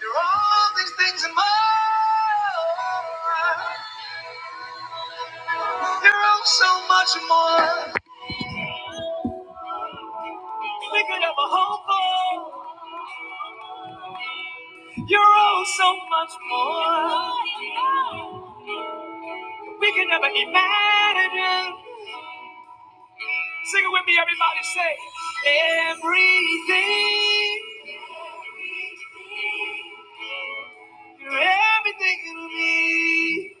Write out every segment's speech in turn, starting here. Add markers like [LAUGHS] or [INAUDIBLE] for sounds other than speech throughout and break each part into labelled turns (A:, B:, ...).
A: You're all these things and more. You're all so much more. We could have a whole book. You're all so much more. We could never imagine. Sing it with me, everybody. Say everything. You're everything to me.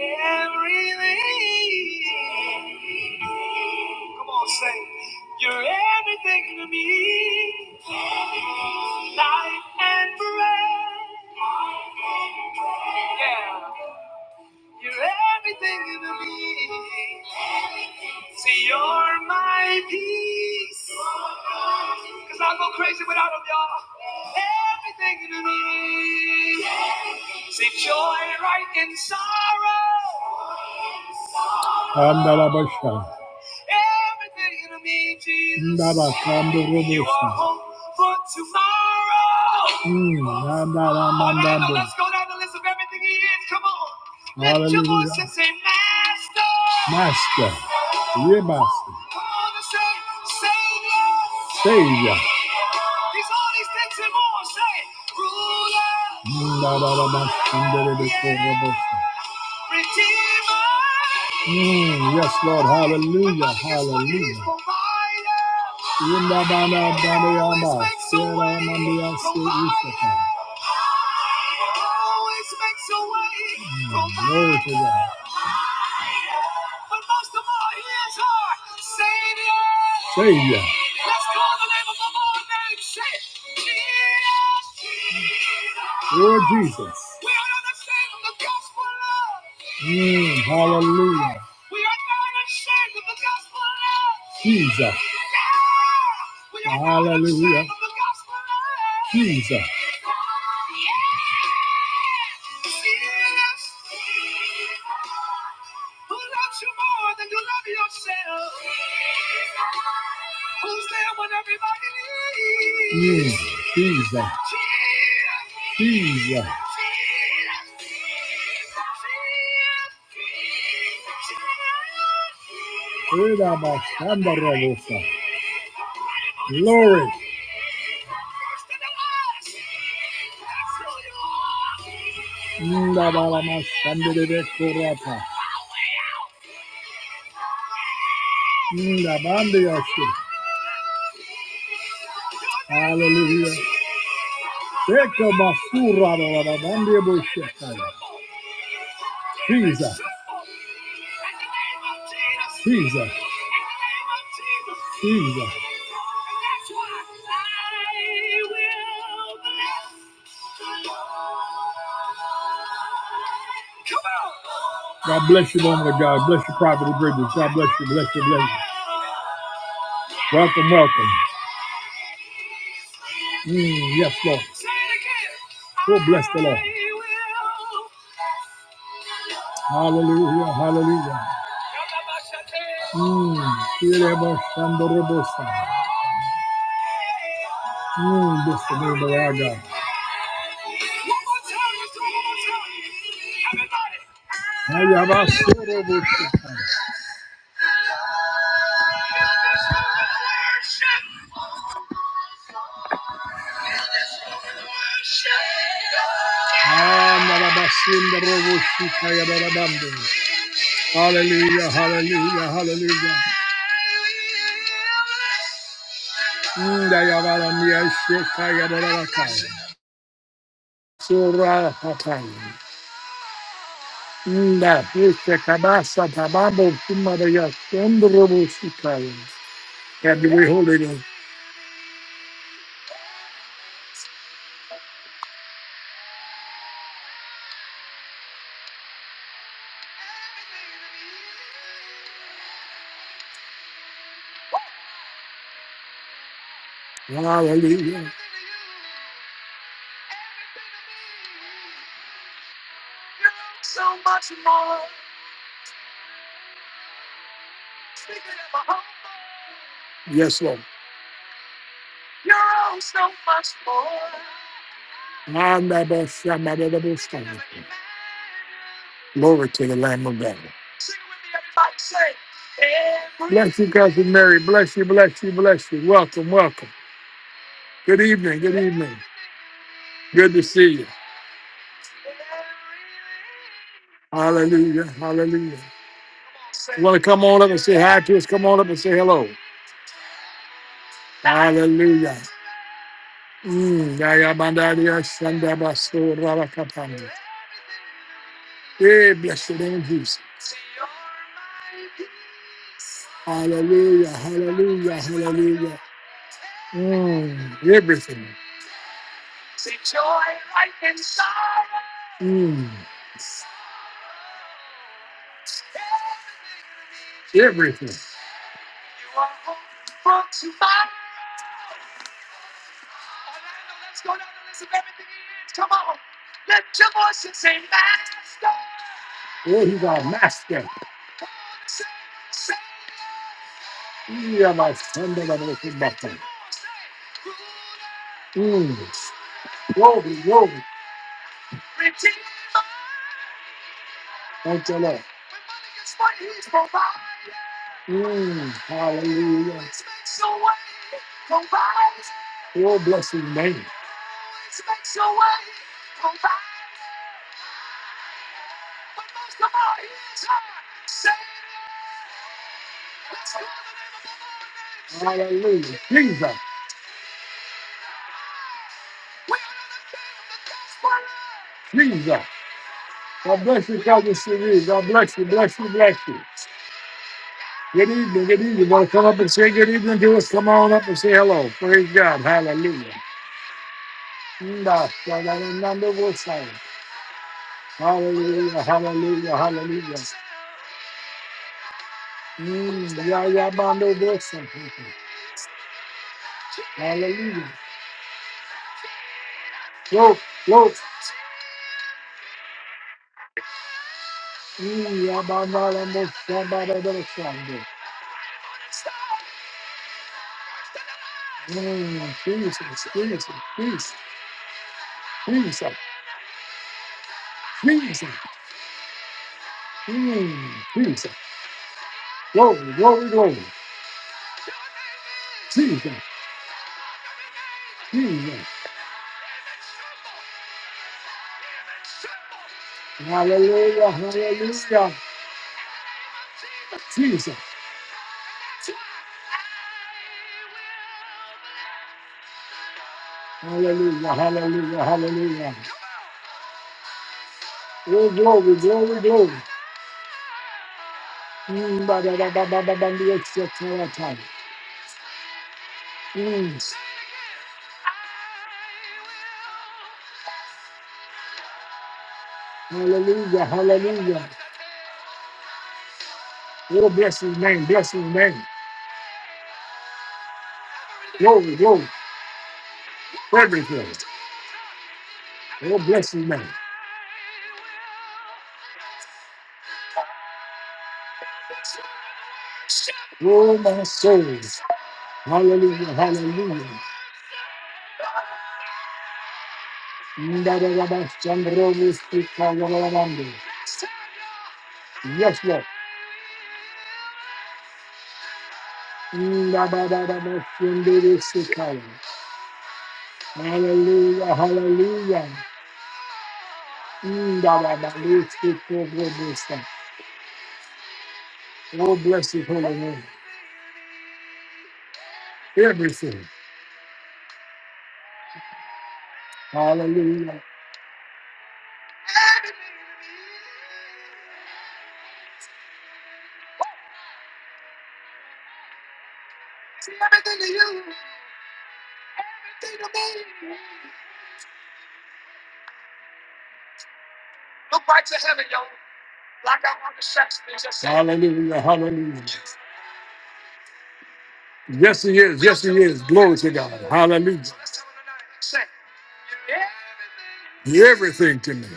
A: Everything. Come on, say. You're everything to me. Life and breath. Yeah, you're everything to me. See, you're my peace. Cause I'll go crazy without them, y'all. Everything to me. See, joy right in sorrow. Andalabasha. Everything to me, Jesus. Ndabakando robosa. You are hope for tomorrow. Mm, nandabamandambo. All right, now let's go down the list of everything he is. Come on. Hallelujah. let your voice and say, Master. Master. Yeah, Master. Come on and say, Savior. Savior. He's all these things and more. Say, Ruler. Ndabarabasandelebeko robosa. Mm, yes, Lord. Hallelujah. Hallelujah. Yindabanabanayama, seramandia, serifata. Mm, Glory to God. But most of all, he is our Savior. Savior. Let's call the name of the Lord name. Say Jesus. Lord Jesus. We are not ashamed of the gospel. Lord. Mm, hallelujah. We are not ashamed of the gospel. Lord. Jesus. Yeah. We are not Hallelujah. Not ashamed of the gospel. Lord. Jesus. Yeah. Who loves you more than you love yourself? Who's there when everybody leaves? Yeah, Jesus. Jesus. Era bastante robusta. Glory. That's who you are. Inda balama sandere ve korata. Inda bandı yaşı. Hallelujah. Jesus. Jesus. Jesus. God bless you, woman of God. Bless you, Prophet Bridges. God bless you. Bless you. Bless you. Welcome, welcome. Mm, yes, Lord. Oh, bless the Lord. Hallelujah, hallelujah. Mm, Kirebo Shandorobosa. Mm, bless the name of our God. Hayabashorobosa. Amarabasinda roboshika yabarabando. Hallelujah, hallelujah, hallelujah. Nda yabaramia sheka yabarabakai. Sura hakai. Nda hese kabasa tababo kumara yasenda roboshika. Can we hold it in? Hallelujah. Yes, Lord. You're all so much more. Ah, my best, yeah, my little best friend. Glory to the Lamb of God. Sing with me, everybody. Say, every- Bless you, cousin Mary. Bless you, bless you, bless you. Welcome, welcome. Good evening, good evening. Good to see you. Hallelujah, hallelujah. You want to come on up and say hi to us? Come on up and say hello. [LAUGHS] Hallelujah. Mm, yaya bandari, yashandaba, so, rabakapanda. Hey, bless the name of Jesus. Hallelujah, hallelujah, hallelujah. Mm, everything. Mm, everything. Oh, he's our master. Yeah, my friend, I'm gonna keep back then. Mm. Glory, glory. Thank you, Lord. Mm. Hallelujah. Oh, bless your name. Hallelujah. Jesus, Jesus. God bless you, Cousin Sheree. God bless you, bless you, bless you. Good evening, good evening. You want to come up and say good evening to us? Come on up and say hello. Praise God. Hallelujah. Nda, da, da, da, da, da, wo, sai. Hallelujah, hallelujah, hallelujah. Mm, ya, ya, ba, no, wo, sai. Hallelujah. Float, float. Mm, ya, ba, na, la, mo, sa, ba, da, da, da, sa, da. Mm, Jesus, Jesus, Jesus, Jesus, Jesus, mm, Jesus. Glory, glory, glory. Jesus, Jesus. Hallelujah, hallelujah. Jesus. Hallelujah, hallelujah, hallelujah. Oh, glory, glory, glory. Mm, ba, da, da, ba, ba, ba, ba, ba, ba, ba, ba. Mm, Hallelujah, hallelujah. Oh, bless his name, bless his name. Glory, glory, everything. Oh, bless his name. Oh, my souls. Hallelujah, hallelujah. Mm, da, da, da, ba, shandro, we speak, ka, la, la, la, la. Yes, Lord. Ndababababashenderesekaya. Hallelujah, hallelujah. Ndababalotsekobobosa. Oh, bless his holy name. Everything. Hallelujah. See everything to you. Everything to me. Look right to heaven, yo. Like I want the sex things. Hallelujah, hallelujah. Yes, he is. Yes, he is. Glory to God. Hallelujah. You're everything to me.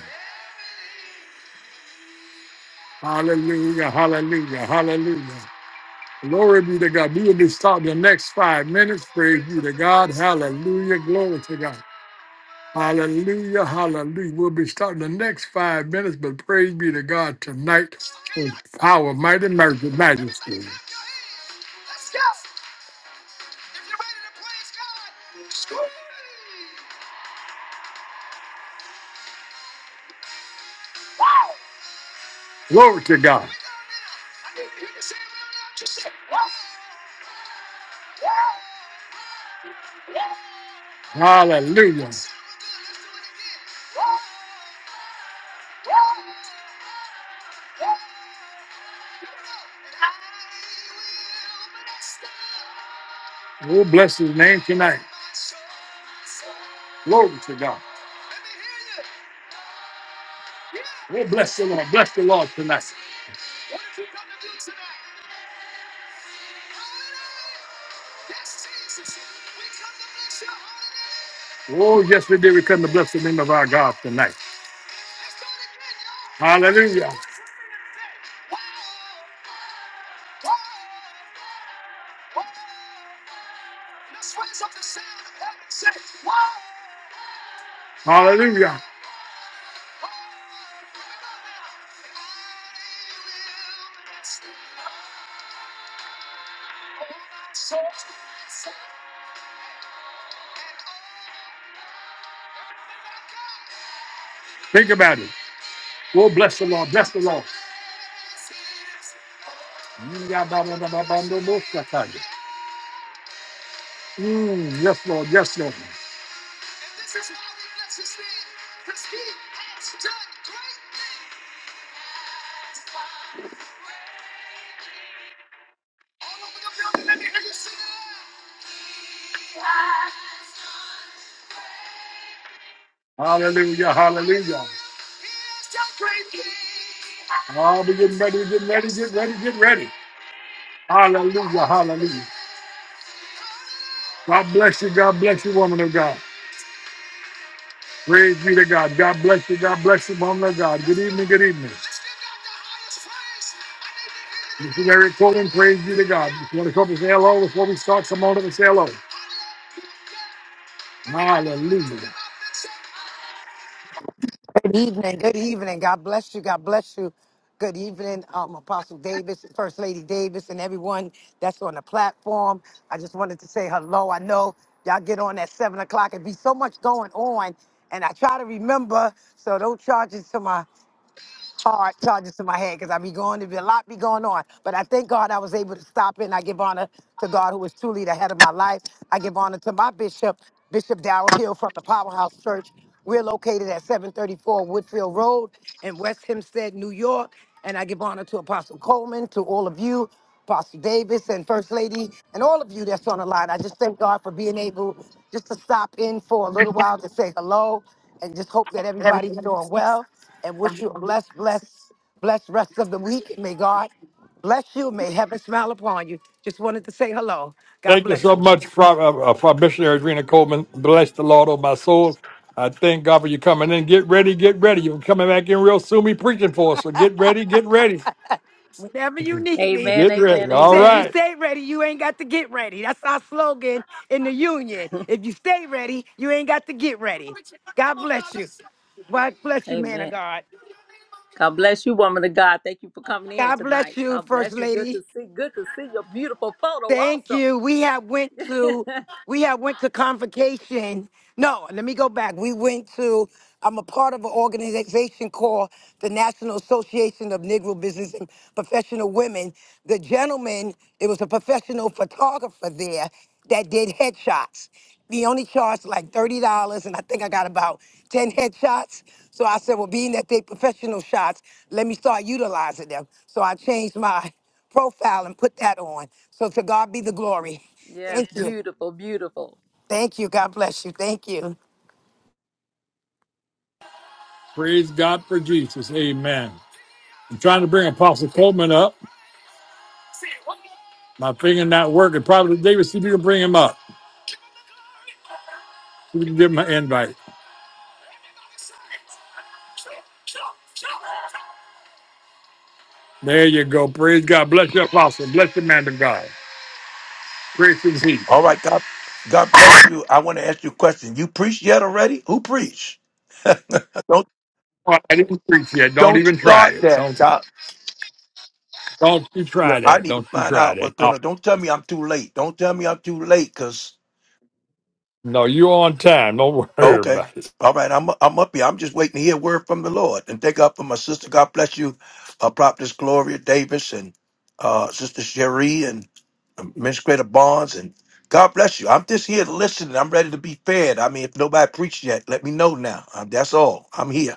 A: Hallelujah. Hallelujah. Hallelujah. Glory be to God. We will be starting the next five minutes. Praise be to God. Hallelujah. Glory to God. Hallelujah. Hallelujah. We'll be starting the next five minutes, but praise be to God tonight for power, might, and mercy, majesty. Glory to God. Hallelujah. We'll bless his name tonight. Glory to God. We'll bless the Lord. Bless the Lord tonight. Oh, yes, we did. We come to bless the name of our God tonight. Hallelujah. Hallelujah. Think about it. We'll bless the Lord. Bless the Lord. Mm, yes, Lord. Yes, Lord. This is why we bless his name, because he has done great. All over the building, let me hear you sing it loud. Hallelujah, hallelujah. Oh, we're getting ready, we're getting ready, get ready, get ready. Hallelujah, hallelujah. God bless you, God bless you, woman of God. Praise be to God. God bless you, God bless you, woman of God. Good evening, good evening. This is Eric Coleman. praise be to God. If you want to come and say hello before we start, come on up and say hello. Hallelujah.
B: Good evening. Good evening. God bless you. God bless you. Good evening, um, Apostle Davis, First Lady Davis, and everyone that's on the platform. I just wanted to say hello. I know y'all get on at seven o'clock. It be so much going on, and I try to remember. So don't charge it to my hard charges to my head because I be going to be a lot be going on. But I thank God I was able to stop it. And I give honor to God who is truly the head of my life. I give honor to my bishop, Bishop Darrell Hill from the Powerhouse Church. We're located at 734 Woodfield Road in West Hempstead, New York. And I give honor to Apostle Coleman, to all of you. Pastor Davis and First Lady and all of you that's on the line. I just thank God for being able just to stop in for a little while to say hello and just hope that everybody's doing well and wish you a blessed, blessed, blessed rest of the week. May God bless you. May heaven smile upon you. Just wanted to say hello. God bless you.
A: Bless the Lord, oh my soul. I thank God for you coming in. Get ready, get ready. You're coming back in real soon. Be preaching for us. So get ready, get ready,
B: Whenever you need me,
C: Amen.
A: get
C: Amen.
A: ready.
B: and you
A: All
B: say, if you
C: Amen.
A: right.
B: stay ready, you ain't got to get ready. That's our slogan in the union.
C: [LAUGHS]
B: If you stay ready, you ain't got to get ready. God bless you. God bless you, man of
C: Amen.
B: God.
C: God bless you, woman of God. Thank you for coming in
B: God bless
C: tonight.
B: you,
C: God
B: First
C: bless you. Good
B: Lady.
C: to see. Good to see your beautiful photo
B: Thank
C: also.
B: you. We have went to
C: [LAUGHS]
B: we have went to convocation. No, let me go back. We went to I'm a part of an organization called the National Association of Negro Business and Professional Women. The gentleman, it was a professional photographer there that did headshots. He only charged like $30, and I think I got about 10 headshots. So I said, well, being that they professional shots, let me start utilizing them. So I changed my profile and put that on. So to God be the glory.
C: yes,
B: Thank you.
C: beautiful, beautiful.
B: Thank you. God bless you. Thank you.
A: Praise God for Jesus. Amen. I'm trying to bring Apostle Coleman up. My finger not working. Probably David, see if you can bring him up. See if you can give him an invite. There you go. Praise God. Bless your apostle. Bless the man of God. Grace is he.
D: All right, God, God bless you. I want to ask you a question. You preach yet already? Who preached? Don't
A: I didn't preach yet. Don't
D: don't
A: even try
D: start
A: it.
D: that.
A: Don't
D: God.
A: don't you
D: Yeah,
A: try
D: I
A: that.
D: need
A: Don't
D: to
A: you
D: find
A: try
D: out
A: that.
D: what's
A: No,
D: gonna. Don't tell me I'm too late. Don't tell me I'm too late. Cause
A: no, you're on time. Don't [LAUGHS]
D: oh,
A: worry
D: okay,
A: about it.
D: all right, I'm I'm up here. I'm just waiting to hear a word from the Lord. And thank God for my sister. God bless you, uh, Prophetess Gloria Davis and uh, Sister Cherie and um, Administrator Barnes and God bless you. I'm just here listening. I'm ready to be fed. I mean, if nobody preached yet, let me know now. Um, that's all. I'm here.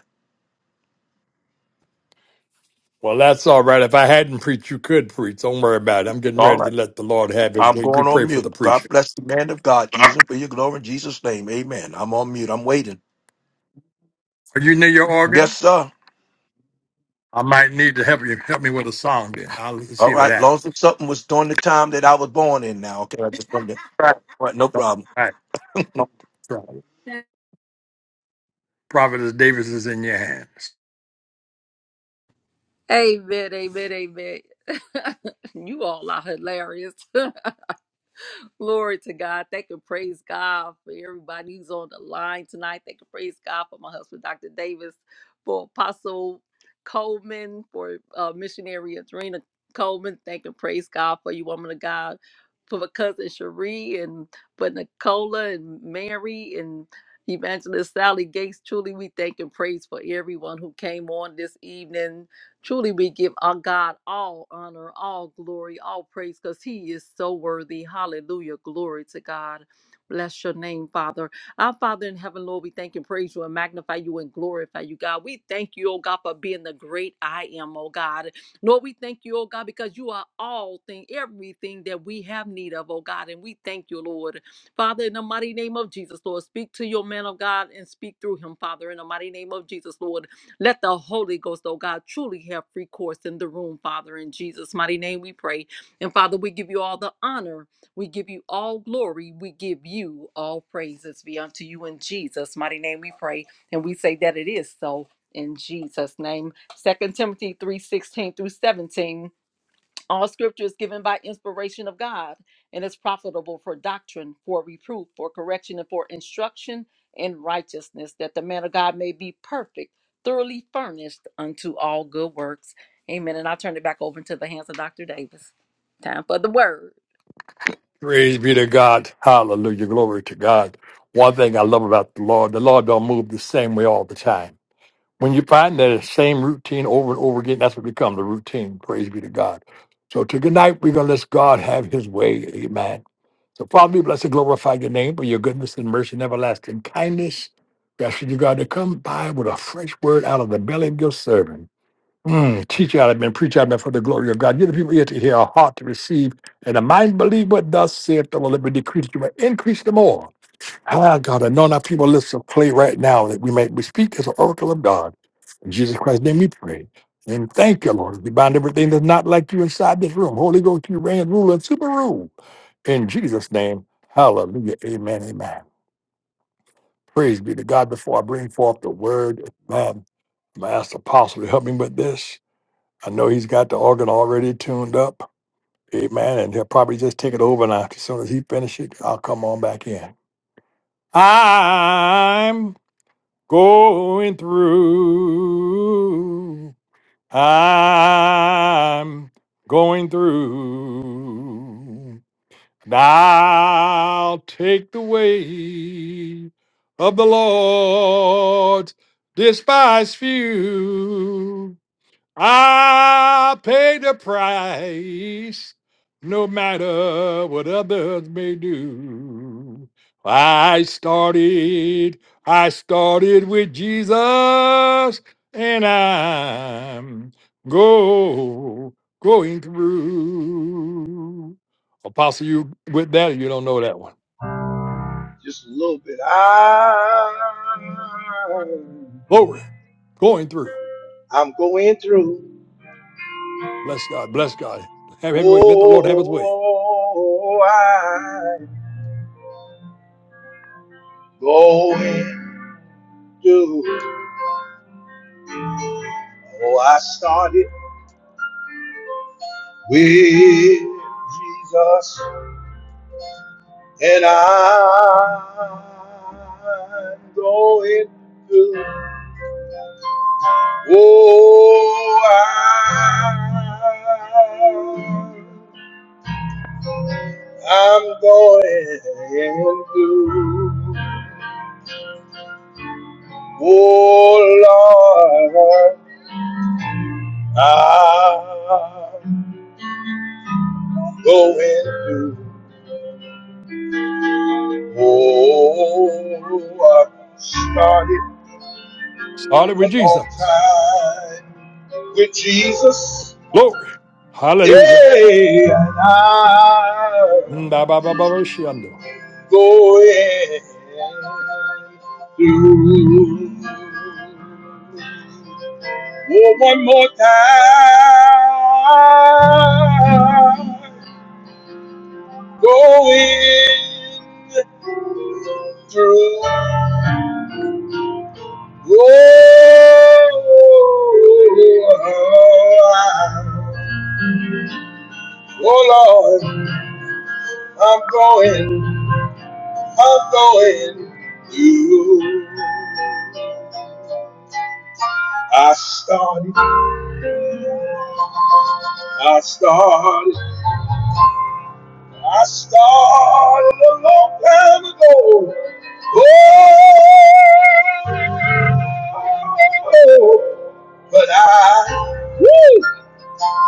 A: Well, that's all right. If I hadn't preached, you could preach. Don't worry about it. I'm getting
D: All
A: ready to
D: right.
A: let the Lord have His
D: I'm
A: way. You
D: going
A: pray
D: on
A: for
D: mute.
A: the
D: God
A: preacher.
D: bless the man of God. Use him for your glory in Jesus' name. Amen. I'm on mute. I'm waiting.
A: Are you near your
D: Yes,
A: organ?
D: sir.
A: I might need to help you. Help me with a song. Then I'll let's
D: All
A: see what
D: right. Long
A: happens.
D: as something was during the time that I was born in now. Okay. I just wanted to.
A: Right.
D: All right. No
A: All
D: problem.
A: right. Don't try it. Prophetess Davis is in your hands.
C: Amen. Amen. Amen. [LAUGHS] you all are hilarious. [LAUGHS] Glory to God. They can praise God for everybody who's on the line tonight. They can praise God for my husband, Dr. Davis, for Apostle Coleman, for uh, missionary Adrena Coleman. They can praise God for you, woman of God, for my cousin Cherie and for Nicola and Mary and Evangelist Sally Gates. Truly, we thank and praise for everyone who came on this evening Truly, we give our God all honor, all glory, all praise, because He is so worthy. Hallelujah. Glory to God. Bless your name, Father. Our Father in heaven, Lord, we thank and praise you and magnify you and glorify you, God. We thank you, oh God, for being the great I am, oh God. Lord, we thank you, oh God, because you are all thing, everything that we have need of, oh God. And we thank you, Lord. Father, in the mighty name of Jesus, Lord, speak to your man of God and speak through him, Father, in the mighty name of Jesus, Lord. Let the Holy Ghost, oh God, truly have free course in the room, Father. In Jesus' mighty name we pray. And Father, we give you all the honor. We give you all glory. We give you all praises be unto you in Jesus' mighty name we pray. And we say that it is so in Jesus' name. Second Timothy three sixteen through 17. All scripture is given by inspiration of God and is profitable for doctrine, for reproof, for correction, and for instruction in righteousness, that the man of God may be perfect, thoroughly furnished unto all good works. Amen. And I'll turn it back over into the hands of Dr. Davis. Time for the word.
A: Praise be to God. Hallelujah. Glory to God. One thing I love about the Lord, the Lord don't move the same way all the time. When you find that same routine over and over again, that's what becomes a routine. Praise be to God. So to tonight, we're going to let God have his way. Amen. So, Father, we bless and glorify your name for your goodness and mercy and everlasting kindness. We ask you, God, to come by with a fresh word out of the belly of your servant. Mm, teach out of men, preach out of men for the glory of God. Give the people ear to hear, a heart to receive, and a mind believe what thus saith the Lord. Let me decrease that you, may increase the more. Ah, God, anoint our people lips of clay right now that we may we speak as an oracle of God. In Jesus Christ's name we pray. And thank you, Lord. We bind everything that's not like you inside this room. Holy Ghost, you reign, rule, and super rule. In Jesus' name, hallelujah. Amen, amen. Praise be to God. Before I bring forth the word, man, my ask the apostle to help me with this. I know he's got the organ already tuned up. Amen. And he'll probably just take it over now. As soon as he finishes, it, I'll come on back in. I'm going through. I'm going through. And I'll take the way of the Lord, despise few. I paid the price, no matter what others may do. I started, I started with Jesus, and I'm go going through. Apostle, you with that? You don't know that one.
D: Just a little bit. I,
A: Glory, going through.
D: I'm going through.
A: Bless God, bless God. Have every way. Let the Lord have His way.
D: Oh, I'm going through. Oh, I started with Jesus. And I'm going to, oh, I'm, I'm going to, oh, Lord, I'm going to, oh, I started
A: Started
D: a
A: with
D: long
A: Jesus.
D: time with Jesus.
A: Glory, Hallelujah.
D: Day and I
A: Ndababaroshiando.
D: go in through. Oh, one more time. Go in through. Oh, oh Lord, I'm going. I'm going through. I started, I started, I started a long time ago. Oh, Oh. but I, woo.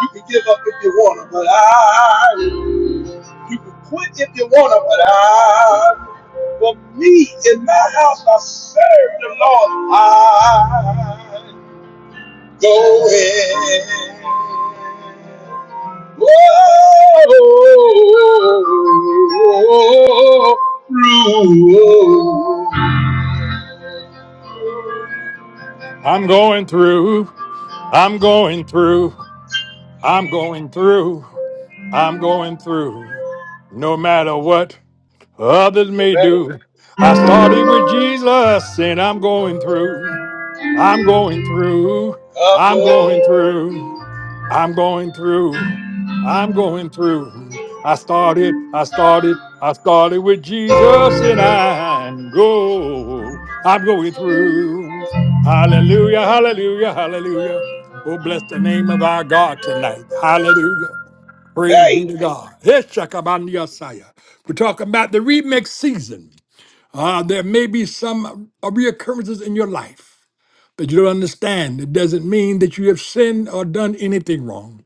D: You can give up if you want to, but I. You can quit if you want to, but I. But me in my house, I serve the Lord. I go in. Whoa, through.
A: I'm going through. I'm going through. I'm going through. I'm going through. No matter what others
D: no
A: may
D: matter.
A: do. I started with Jesus and I'm going through. I'm going through.
D: I'm
A: I'm going
D: going.
A: through. I'm going through. I'm going through. I started, I started, I started with Jesus and I'm go. I'm going through. Hallelujah, hallelujah, hallelujah. Oh, bless the name of our God tonight. Hallelujah. Praise
D: Hey.
A: be to God. Yes, Shakabandiasaya. We're talking about the remix season. Uh, there may be some uh, reoccurrences in your life. But you don't understand. It doesn't mean that you have sinned or done anything wrong.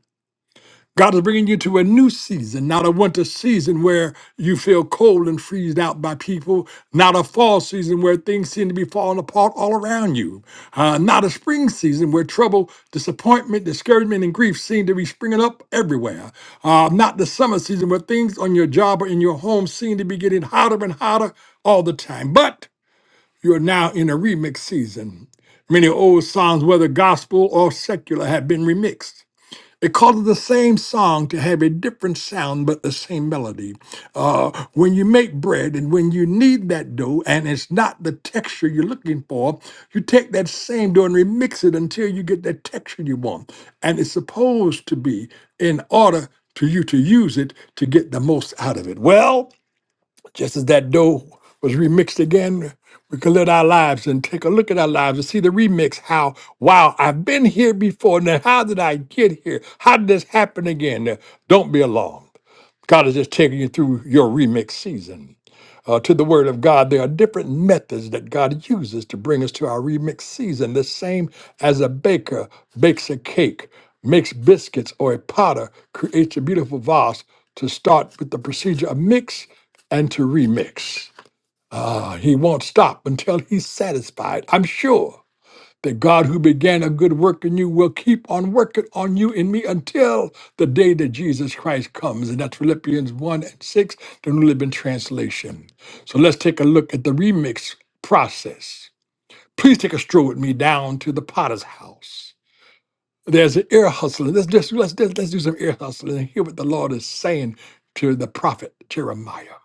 A: God is bringing you to a new season, not a winter season where you feel cold and freezed out by people, not a fall season where things seem to be falling apart all around you, uh, not a spring season where trouble, disappointment, discouragement, and grief seem to be springing up everywhere, uh, not the summer season where things on your job or in your home seem to be getting hotter and hotter all the time. But you're now in a remix season. Many old songs, whether gospel or secular, have been remixed because of the same song to have a different sound but the same melody. Uh, when you make bread and when you knead that dough and it's not the texture you're looking for, you take that same dough and remix it until you get that texture you want. And it's supposed to be in order to you to use it to get the most out of it. Well, just as that dough was remixed again, we can live our lives and take a look at our lives and see the remix. How, wow, I've been here before. Now, how did I get here? How did this happen again? Now, don't be alarmed. God is just taking you through your remix season uh, to the Word of God, there are different methods that God uses to bring us to our remix season. The same as a baker bakes a cake, makes biscuits, or a potter creates a beautiful vase to start with the procedure of mix and to remix. Ah, he won't stop until he's satisfied, I'm sure. That God who began a good work in you will keep on working on you in me until the day that Jesus Christ comes. And that's Philippians 1 and 6, the New Living Translation. So let's take a look at the remix process. Please take a stroll with me down to the potter's house. There's an ear hustling. Let's just let's, let's let's do some ear hustling and hear what the Lord is saying to the prophet Jeremiah.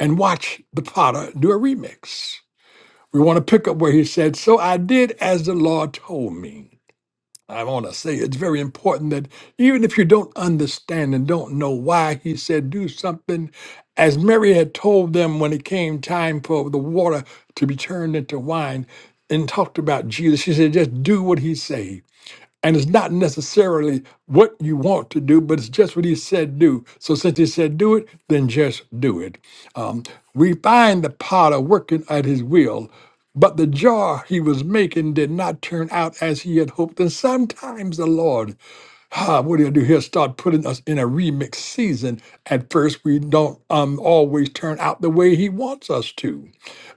A: And watch the potter do a remix. We want to pick up where he said, So I did as the Lord told me. I want to say it's very important that even if you don't understand and don't know why he said do something, as Mary had told them when it came time for the water to be turned into wine and talked about Jesus, she said, just do what he says. And it's not necessarily what you want to do, but it's just what he said do. So since he said do it, then just do it. Um, we find the potter working at his will, but the jar he was making did not turn out as he had hoped. And sometimes the Lord ah, what do you do here? Start putting us in a remix season. At first, we don't um, always turn out the way he wants us to.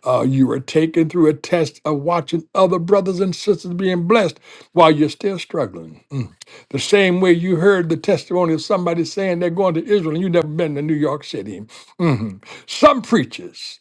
A: Uh, you are taken through a test of watching other brothers and sisters being blessed while you're still struggling. Mm. The same way you heard the testimony of somebody saying they're going to Israel and you've never been to New York City. Mhm. Some preachers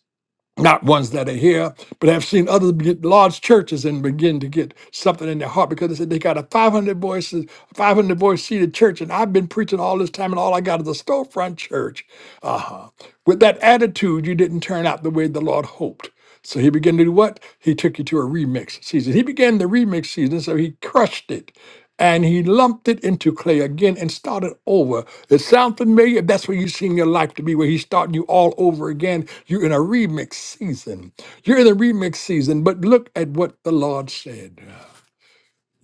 A: not ones that are here, but I've seen other be- large churches and begin to get something in their heart because they said they got a 500 voices, 500 voice seated church, and I've been preaching all this time, and all I got is a storefront church. Uh huh. With that attitude, you didn't turn out the way the Lord hoped. So he began to do what? He took you to a remix season. He began the remix season, so he crushed it and he lumped it into clay again and started over. It sounds familiar. That's what you seem your life to be, where he's starting you all over again. You're in a remix season. You're in a remix season, but look at what the Lord said.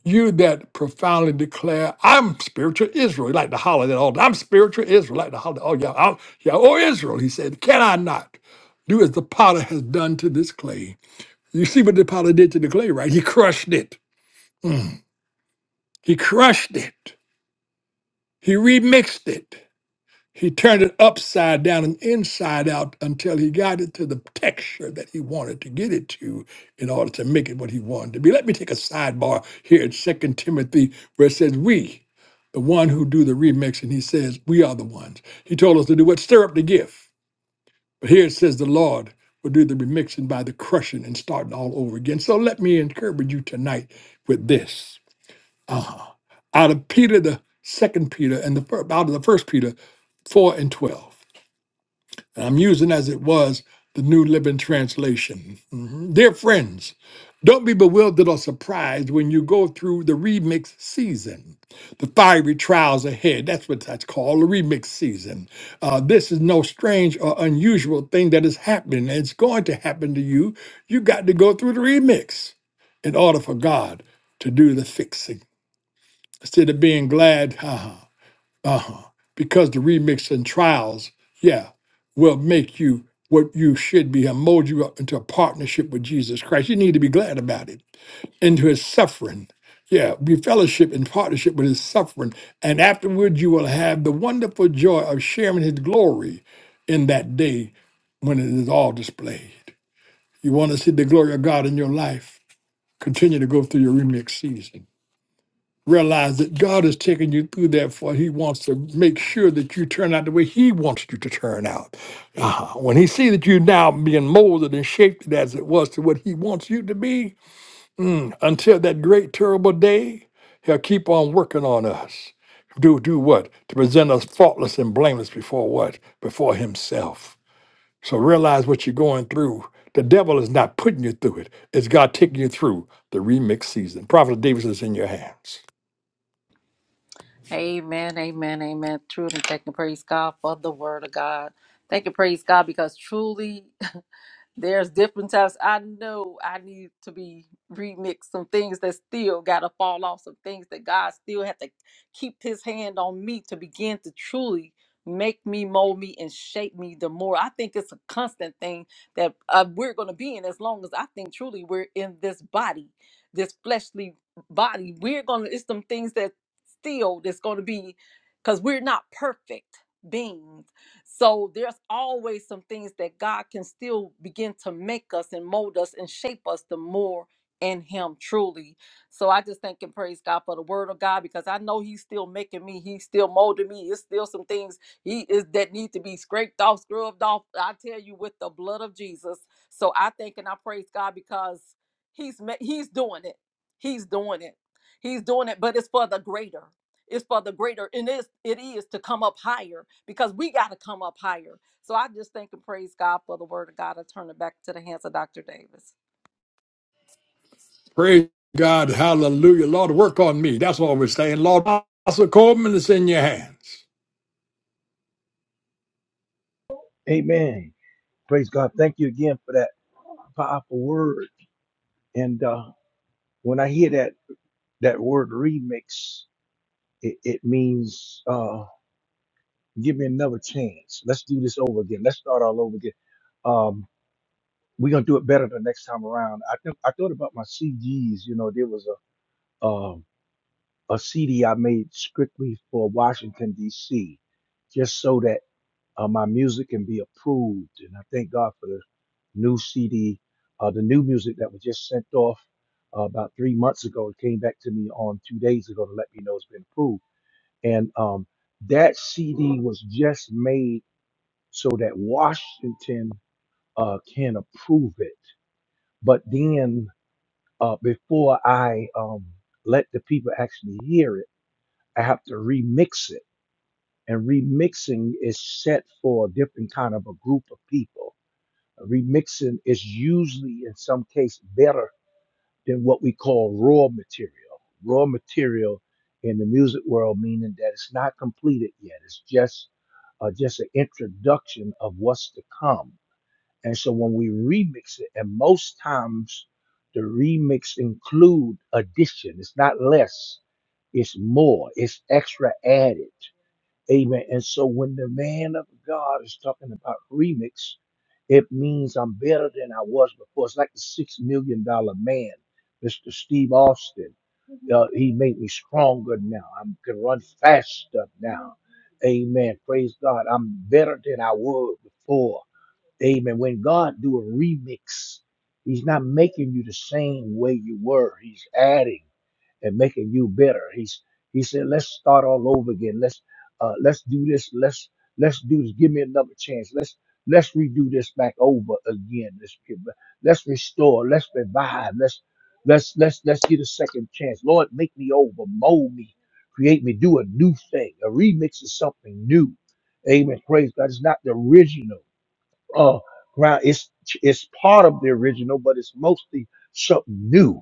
A: You that profoundly declare, I'm spiritual Israel, You like to holler that all day. I'm spiritual Israel, like to holler. Oh, yeah, I'm, yeah, oh Israel, he said, can I not do as the potter has done to this clay? You see what the potter did to the clay, right? He crushed it. He crushed it. He remixed it. He turned it upside down and inside out until he got it to the texture that he wanted to get it to in order to make it what he wanted to be. Let me take a sidebar here in Second Timothy where it says, We, the one who do the remixing, he says, We are the ones. He told us to do what? Stir up the gift. But here it says the Lord will do the remixing by the crushing and starting all over again. So let me encourage you tonight with this. Uh-huh. Out of Peter, the second Peter, and the fir- out of the first Peter, four and twelve. And I'm using as it was the New Living Translation. Mhm. Dear friends, don't be bewildered or surprised when you go through the remix season, the fiery trials ahead. That's what that's called, the remix season. Uh, this is no strange or unusual thing that is happening. and It's going to happen to you. You got to go through the remix in order for God to do the fixing instead of being glad, uh huh, uh huh, because the remix and trials, yeah, will make you what you should be and mold you up into a partnership with Jesus Christ. You need to be glad about it, into his suffering. Yeah, be fellowship and partnership with his suffering. And afterwards, you will have the wonderful joy of sharing his glory in that day when it is all displayed. You want to see the glory of God in your life? Continue to go through your remix season realize that God is taking you through that for He wants to make sure that you turn out the way He wants you to turn out. uh When He sees that you're now being molded and shaped as it was to what He wants you to be, mm, until that great terrible day, He'll keep on working on us. Do do what? To present us faultless and blameless before what? Before Himself. So realize what you're going through. The devil is not putting you through it. It's God taking you through the remix season. Prophet Davis is in your hands.
C: Amen, amen, amen. Truly, thank and praise God for the word of God. Thank and praise God because truly [LAUGHS] There's different types. I know I need to be remixed some things that still gotta fall off, some things that God still had to keep his hand on me to begin to truly make me mold me and shape me the more i think it's a constant thing that uh, we're going to be in as long as i think truly we're in this body this fleshly body we're going to it's some things that still that's going to be because we're not perfect beings so there's always some things that God can still begin to make us and mold us and shape us the more in Him truly. So I just thank and praise God for the word of God because I know He's still making me, He's still molding me. It's still some things He is that need to be scraped off, scrubbed off. I tell you, with the blood of Jesus. So I thank and I praise God because He's ma- He's doing it. He's doing it. He's doing it, but it's for the greater. It's for the greater, and it's, it is to come up higher because we got to come up higher. So I just thank and praise God for the word of God. I turn it back to the hands of Dr. Davis.
A: Praise God. Hallelujah. Lord, work on me. That's all we're saying. Lord, Pastor Coleman is in your hands.
D: Amen. Praise God. Thank you again for that. powerful word. And uh, when I hear that that word remix, it, it means uh, give me another chance. Let's do this over again. Let's start all over again. Um, we're gonna do it better the next time around. I think I thought about my CDs. You know, there was a um a CD I made strictly for Washington D.C. just so that uh, my music can be approved. And I thank God for the new CD, uh, the new music that was just sent off uh, about three months ago. It came back to me on two days ago to let me know it's been approved. And um, that CD was just made so that Washington uh, can approve it. But then uh, before I um, let the people actually hear it, I have to remix it. And remixing is set for a different kind of a group of people remixing is usually in some case better than what we call raw material. Raw material in the music world meaning that it's not completed yet. It's just uh, just an introduction of what's to come. And so when we remix it, and most times the remix include addition. It's not less. It's more. It's extra added. Amen. And so when the man of God is talking about remix, it means I'm better than I was before. It's like the six million dollar man, Mr. Steve Austin. Uh, he made me stronger now. I can run faster now. Amen. Praise God. I'm better than I was before. Amen. When God do a remix, He's not making you the same way you were. He's adding and making you better. He's he said, let's start all over again. Let's uh, let's do this. Let's let's do this. Give me another chance. Let's let's redo this back over again. Let's give- let's restore. Let's revive. Let's let's let's let's get a second chance. Lord, make me over, mold me, create me, do a new thing, a remix of something new. Amen. Praise God. It's not the original uh ground it's it's part of the original but it's mostly something new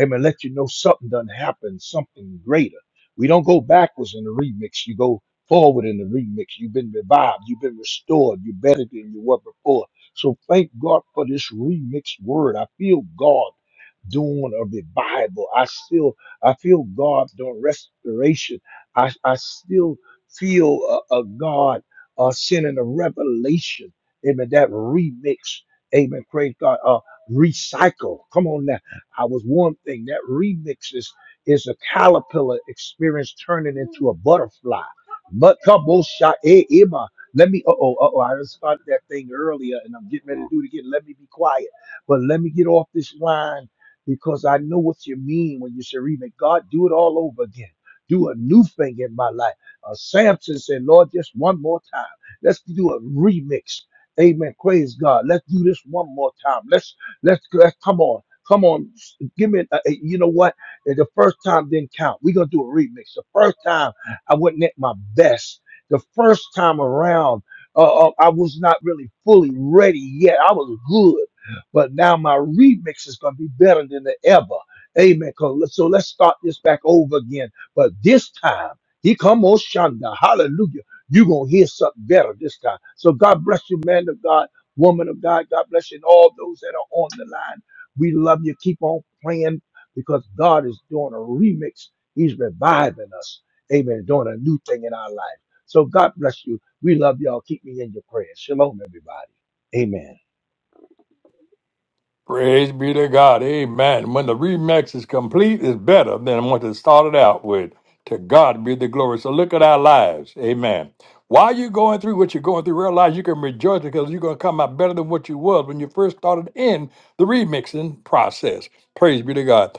D: amen let you know something done happened something greater we don't go backwards in the remix you go forward in the remix you've been revived you've been restored you're better than you were before so thank god for this remix word i feel god doing a revival i still i feel god doing restoration i i still feel a, a god uh, sending a revelation Amen. That remix. Amen. Praise God. Uh, recycle. Come on now. I was one thing. That remix is, is a caterpillar experience turning into a butterfly. But kabosha e ima. Let me. Uh oh. Uh oh. I just started that thing earlier, and I'm getting ready to do it again. Let me be quiet. But let me get off this line because I know what you mean when you say "Remake God, do it all over again. Do a new thing in my life. Uh, Samson said, Lord, just one more time. Let's do a remix. Amen. Praise God. Let's do this one more time. Let's let's, let's come on. Come on, give me. A, a- you know what? Uh, The first time didn't count. We're gonna do a remix. The first time I wasn't at my best. The first time around, uh, uh, I was not really fully ready yet. I was good, but now my remix is gonna be better than the ever. Amen. 'Cause let- So let's start this back over again. But this time, he come Oshanda. Hallelujah. You're going to hear something better this time. So God bless you, man of God, woman of God. God bless you and all those that are on the line. We love you. Keep on praying because God is doing a remix. He's reviving us. Amen. Doing a new thing in our life. So God bless you. We love y'all. Keep me in your prayers. Shalom, everybody. Amen.
A: Praise be to God. Amen. When the remix is complete, it's better than what it started out with. To God be the glory. So look at our lives. Amen. While you're going through what you're going through, realize you can rejoice because you're going to come out better than what you was when you first started in the remixing process. Praise be to God.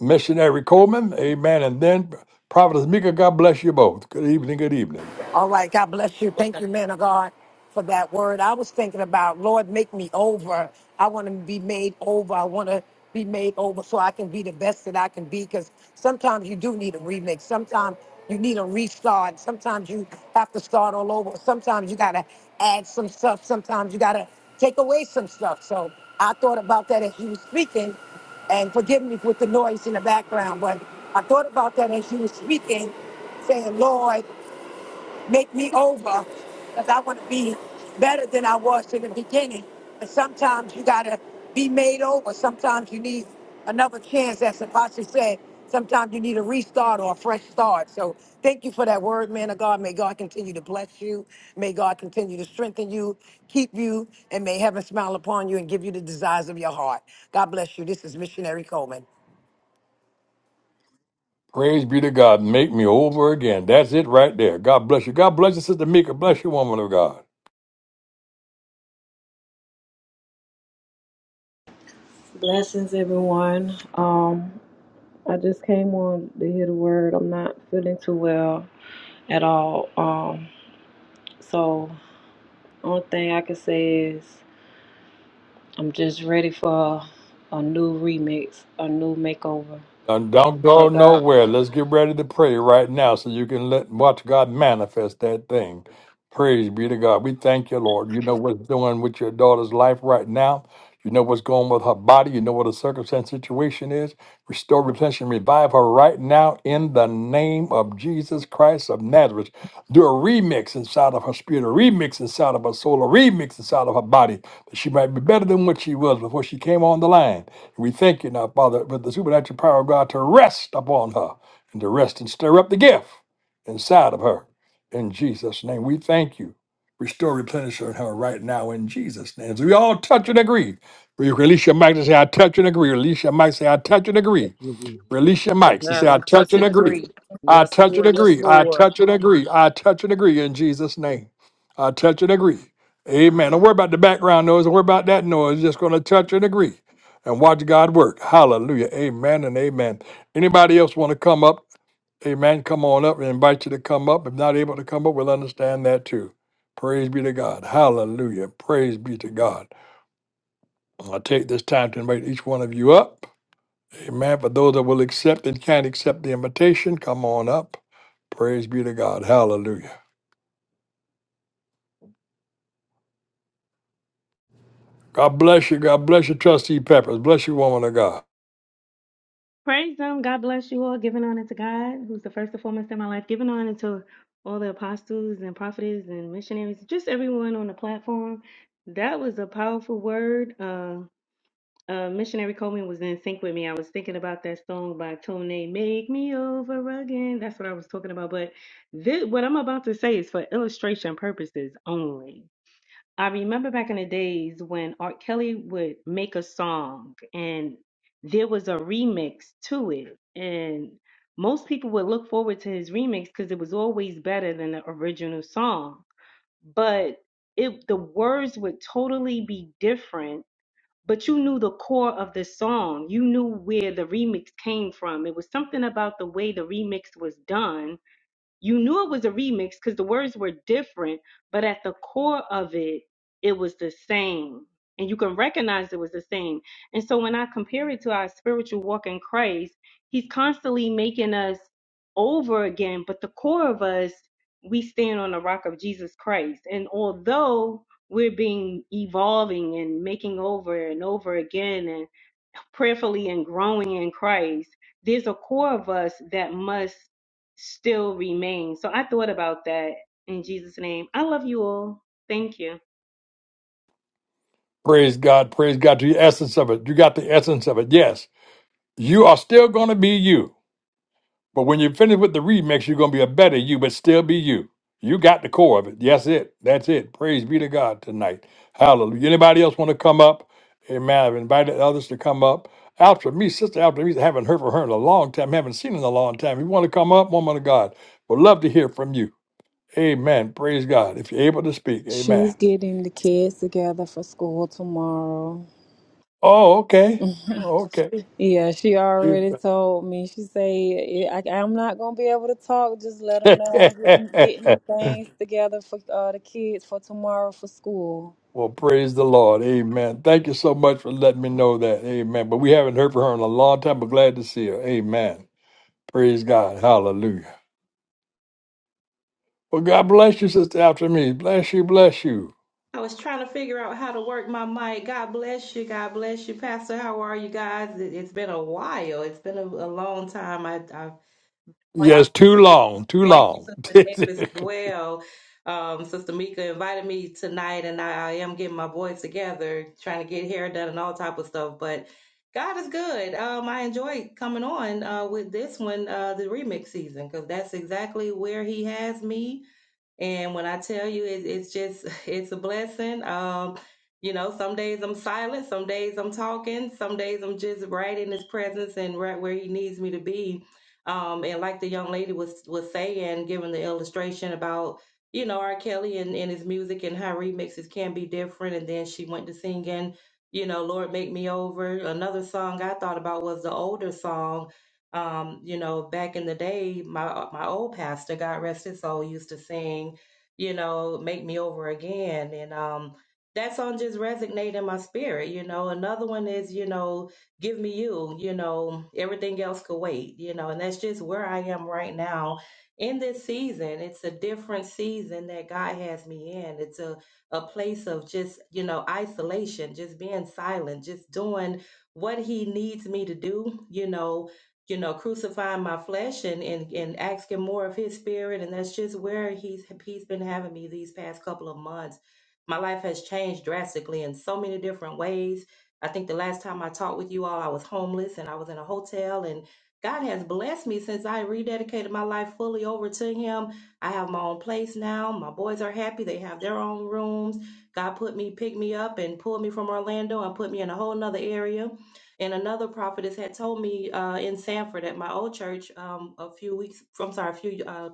A: Missionary Coleman, amen. And then Providence Mika, God bless you both. Good evening, good evening.
B: All right. God bless you. Thank you, man of God, for that word. I was thinking about, Lord, make me over. I want to be made over. I want to be made over so I can be the best that I can be. Because sometimes you do need a remix. Sometimes you need a restart. Sometimes you have to start all over. Sometimes you got to add some stuff. Sometimes you got to take away some stuff. So I thought about that as you were speaking. And forgive me with the noise in the background, but I thought about that as you were speaking saying, Lord, make me over because I want to be better than I was in the beginning. And sometimes you got to be made over. Sometimes you need another chance, as Apostle said. Sometimes you need a restart or a fresh start. So thank you for that word, man of God. May God continue to bless you. May God continue to strengthen you, keep you, and may heaven smile upon you and give you the desires of your heart. God bless you. This is Missionary Coleman.
A: Praise be to God. Make me over again. That's it right there. God bless you. God bless you, Sister Mika. Bless you, woman of God.
E: Blessings, everyone. Um, I just came on to hear the word. I'm not feeling too well at all. Um, so only thing I can say is I'm just ready for a new remix, a new makeover
A: Now, don't go
E: that God.
A: nowhere. Let's get ready to pray right now so you can let watch God manifest that thing. Praise be to God. We thank you, Lord. You know what's doing with your daughter's life right now. You know what's going with her body. You know what her circumstance situation is. Restore, replenish, and revive her right now in the name of Jesus Christ of Nazareth. Do a remix inside of her spirit, a remix inside of her soul, a remix inside of her body, that she might be better than what she was before she came on the line. We thank you now, Father, for the supernatural power of God to rest upon her and to rest and stir up the gift inside of her. In Jesus' name, we thank you. Restore, replenish her and her right now in Jesus' name. So we all touch and agree. We release your mic to say, I touch and agree. Release your mic, say, I touch and agree.
D: Touch and agree. Touch-
A: Release your mics and say,
C: Yes,
A: I
C: we
A: touch
C: touch
A: and
C: and
A: agree.
C: agree.
A: I
C: Yes,
A: touch and
C: Lord. Yes,
A: agree. I
C: Lord.
A: touch and agree. I touch and agree in Jesus' name. I touch and agree. Amen. Don't worry about the background noise. Don't worry about that noise. Just going to touch and agree and watch God work. Hallelujah. Amen and amen. Anybody else want to come up? Amen. Come on up. We invite you to come up. If not able to come up, we'll understand that too. Praise be to God. Hallelujah. Praise be to God. I'll take this time to invite each one of you up. Amen. But those that will accept and can't accept the invitation, come on up. Praise be to God. Hallelujah. God bless you. God bless you, trustee Peppers. Bless you, woman of God.
F: Praise Him. God bless you all. Giving honor to God, who's the first and foremost in my life. Giving honor to all the apostles and prophets and missionaries, just everyone on the platform. That was a powerful word. Uh, uh, Missionary Coleman was in sync with me. I was thinking about that song by Tone, Make Me Over Again. That's what I was talking about. But this, what I'm about to say is for illustration purposes only. I remember back in the days when Art Kelly would make a song and there was a remix to it. And most people would look forward to his remix because it was always better than the original song. But it the words would totally be different, but you knew the core of the song. You knew where the remix came from. It was something about the way the remix was done you knew it was a remix because the words were different, but at the core of it, it was the same. And you can recognize it was the same. And so when I compare it to our spiritual walk in Christ, He's constantly making us over again, but the core of us, we stand on the rock of Jesus Christ. And although we're being evolving and making over and over again and prayerfully and growing in Christ, there's a core of us that must still remain. So I thought about that in Jesus' name. I love you all. Thank you.
A: Praise God. Praise God to the essence of it. You got the essence of it. Yes. You are still going to be you. But when you finish with the remix, you're gonna be a better you, but still be you. You got the core of it. Yes, it. That's it. Praise be to God tonight. Hallelujah. Anybody else want to come up? Amen. I've invited others to come up. After me, Sister After me, I haven't heard from her in a long time, haven't seen her in a long time. If you want to come up, woman of God, would love to hear from you. Amen. Praise God. If you're able to speak, amen.
E: She's getting the kids together for school tomorrow.
A: Oh, okay. Oh,
E: Yeah, she
A: okay.
E: already told me. She say "Yeah, I, I'm not gonna be able to talk. Just let them know I'm getting getting
A: [LAUGHS]
E: the things together for uh, the kids for tomorrow for school.
A: Well, praise the Lord. Amen. Thank you so much for letting me know that. Amen. But we haven't heard from her in a long time, but glad to see her. Amen. Praise God. Hallelujah. Well, God bless you, Sister After Me. Bless you, bless you.
G: I was trying to figure out how to work my mic. God bless you. God bless you, Pastor. How are you guys? It, has been a while. It's been a, a long time. I, I've like
A: Yes, too
G: you,
A: long, too
G: and
A: long.
G: Sister Davis as
A: [LAUGHS]
G: well. Um, Sister Mika invited me tonight, and I, I am getting my voice together, trying to get hair done and all type of stuff. But God is good. Um, I enjoy coming on uh, with this one, uh, the remix season, because that's exactly where He has me and when I tell you, it, it's just, [LAUGHS] it's a blessing. Um, you know, some days I'm silent, some days I'm talking, some days I'm just right in his presence and right where he needs me to be. Um, and like the young lady was was saying, giving the illustration about, you know, R. Kelly and, and his music and how remixes can be different. And then she went to singing, you know, Lord Make Me Over. Another song I thought about was the older song um, you know, back in the day, my my old pastor, God rest his soul, used to sing, you know, "Make Me Over Again," and um, that song just resonated in my spirit. You know, another one is, you know, "Give Me You." You know, everything else could wait. You know, and that's just where I am right now in this season. It's a different season that God has me in. It's a a place of just you know isolation, just being silent, just doing what He needs me to do. You know you know, crucifying my flesh and, and, and asking more of his spirit. And that's just where he's, he's been having me these past couple of months. My life has changed drastically in so many different ways. I think the last time I talked with you all, I was homeless and I was in a hotel and God has blessed me since I rededicated my life fully over to him. I have my own place now. My boys are happy. They have their own rooms. God put me, picked me up and pulled me from Orlando and put me in a whole nother area and another prophetess had told me uh, in Sanford at my old church um, a few weeks, I'm sorry, a few uh,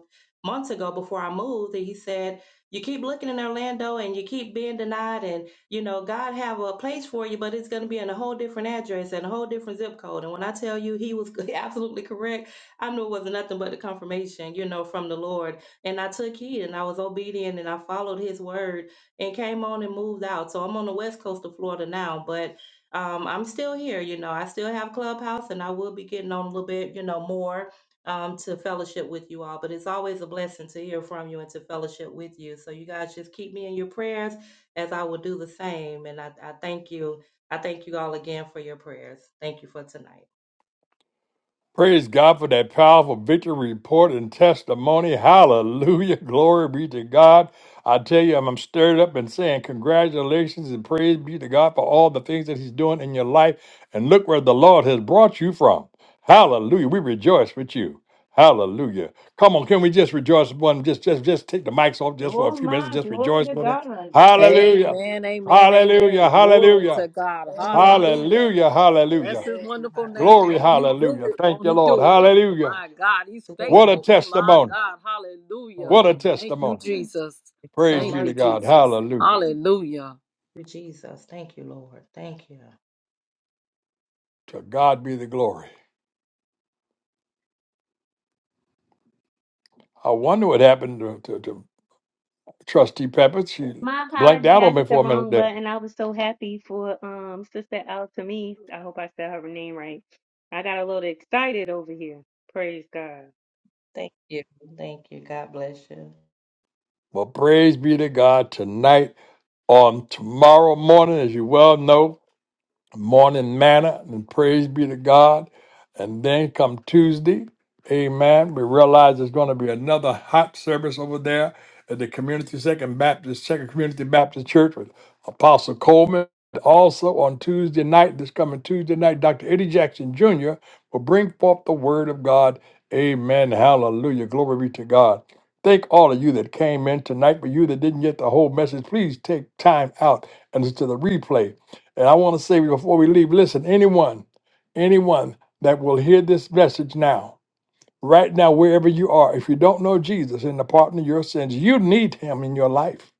G: months ago before I moved, that he said, You keep looking in Orlando and you keep being denied, and you know, God have a place for you, but it's going to be in a whole different address and a whole different zip code. And when I tell you he was [LAUGHS] absolutely correct, I knew it wasn't nothing but the confirmation, you know, from the Lord. And I took heed and I was obedient and I followed his word and came on and moved out. So I'm on the west coast of Florida now, but um, I'm still here. You know, I still have Clubhouse, and I will be getting on a little bit, you know, more um, to fellowship with you all. But it's always a blessing to hear from you and to fellowship with you. So you guys just keep me in your prayers, as I will do the same. And I, I thank you. I thank you all again for your prayers. Thank you for tonight.
A: Praise God for that powerful victory report and testimony. Hallelujah. [LAUGHS] Glory be to God. I tell you, I'm I'm stirred up and saying congratulations and praise be to God for all the things that He's doing in your life. And look where the Lord has brought you from. Hallelujah. We rejoice with you. Hallelujah. Come on, can we just rejoice with one? Just just just take the mics off just for a
F: Oh
A: few
F: my,
A: minutes and just
F: glory
A: rejoice
F: to
A: with them.
F: God.
A: Hallelujah.
C: Amen. Amen.
A: Hallelujah.
C: Amen. Glory
A: Hallelujah.
C: to God.
G: Lord, thank
C: Hallelujah.
A: Hallelujah.
C: Bless
A: Hallelujah.
C: his wonderful
G: God. Thank
C: name.
G: you,
A: Glory,
G: Lord.
C: Won't he do
A: hallelujah.
C: it?
A: Thank
C: Won't
A: you,
C: he
A: Lord.
C: do
G: Thank
C: it?
A: Hallelujah.
C: My God, he's
G: you, Lord.
A: What
G: I
A: a
C: faithful.
G: thank
C: My
A: testimony.
C: God.
G: you,
C: Hallelujah.
G: Lord.
A: What a
C: Thank you,
A: testimony.
C: Jesus.
G: So
A: Praise
C: Thank
A: be to
C: you,
G: merciful,
A: God.
C: Jesus.
A: Hallelujah.
C: Hallelujah.
G: Jesus. Thank you, Lord. Thank you.
A: To God be the glory. I wonder what happened to, to, to Trustee Pepper. She
F: My
A: blanked
F: apology,
A: out
F: I
A: on me
F: hit the
A: for a minute
F: wrong
A: there.
F: button. I was so happy for um Sister Altamise. I hope I said her name right. I got a little excited over here. Praise God.
G: Thank you. Thank you. God bless you.
A: But praise be to God tonight on tomorrow morning, as you well know. morning manna, and praise be to God. And then come Tuesday, amen, we realize there's going to be another hot service over there at the Community Second Baptist, Second Community Baptist Church with Apostle Coleman. Also on Tuesday night, this coming Tuesday night, Dr. Eddie Jackson Jr. will bring forth the word of God. Amen. Hallelujah. Glory be to God. Thank all of you that came in tonight, but you that didn't get the whole message, please take time out and listen to the replay. And I want to say before we leave, listen, anyone, anyone that will hear this message now, right now, wherever you are, if you don't know Jesus and the pardon of your sins, you need him in your life.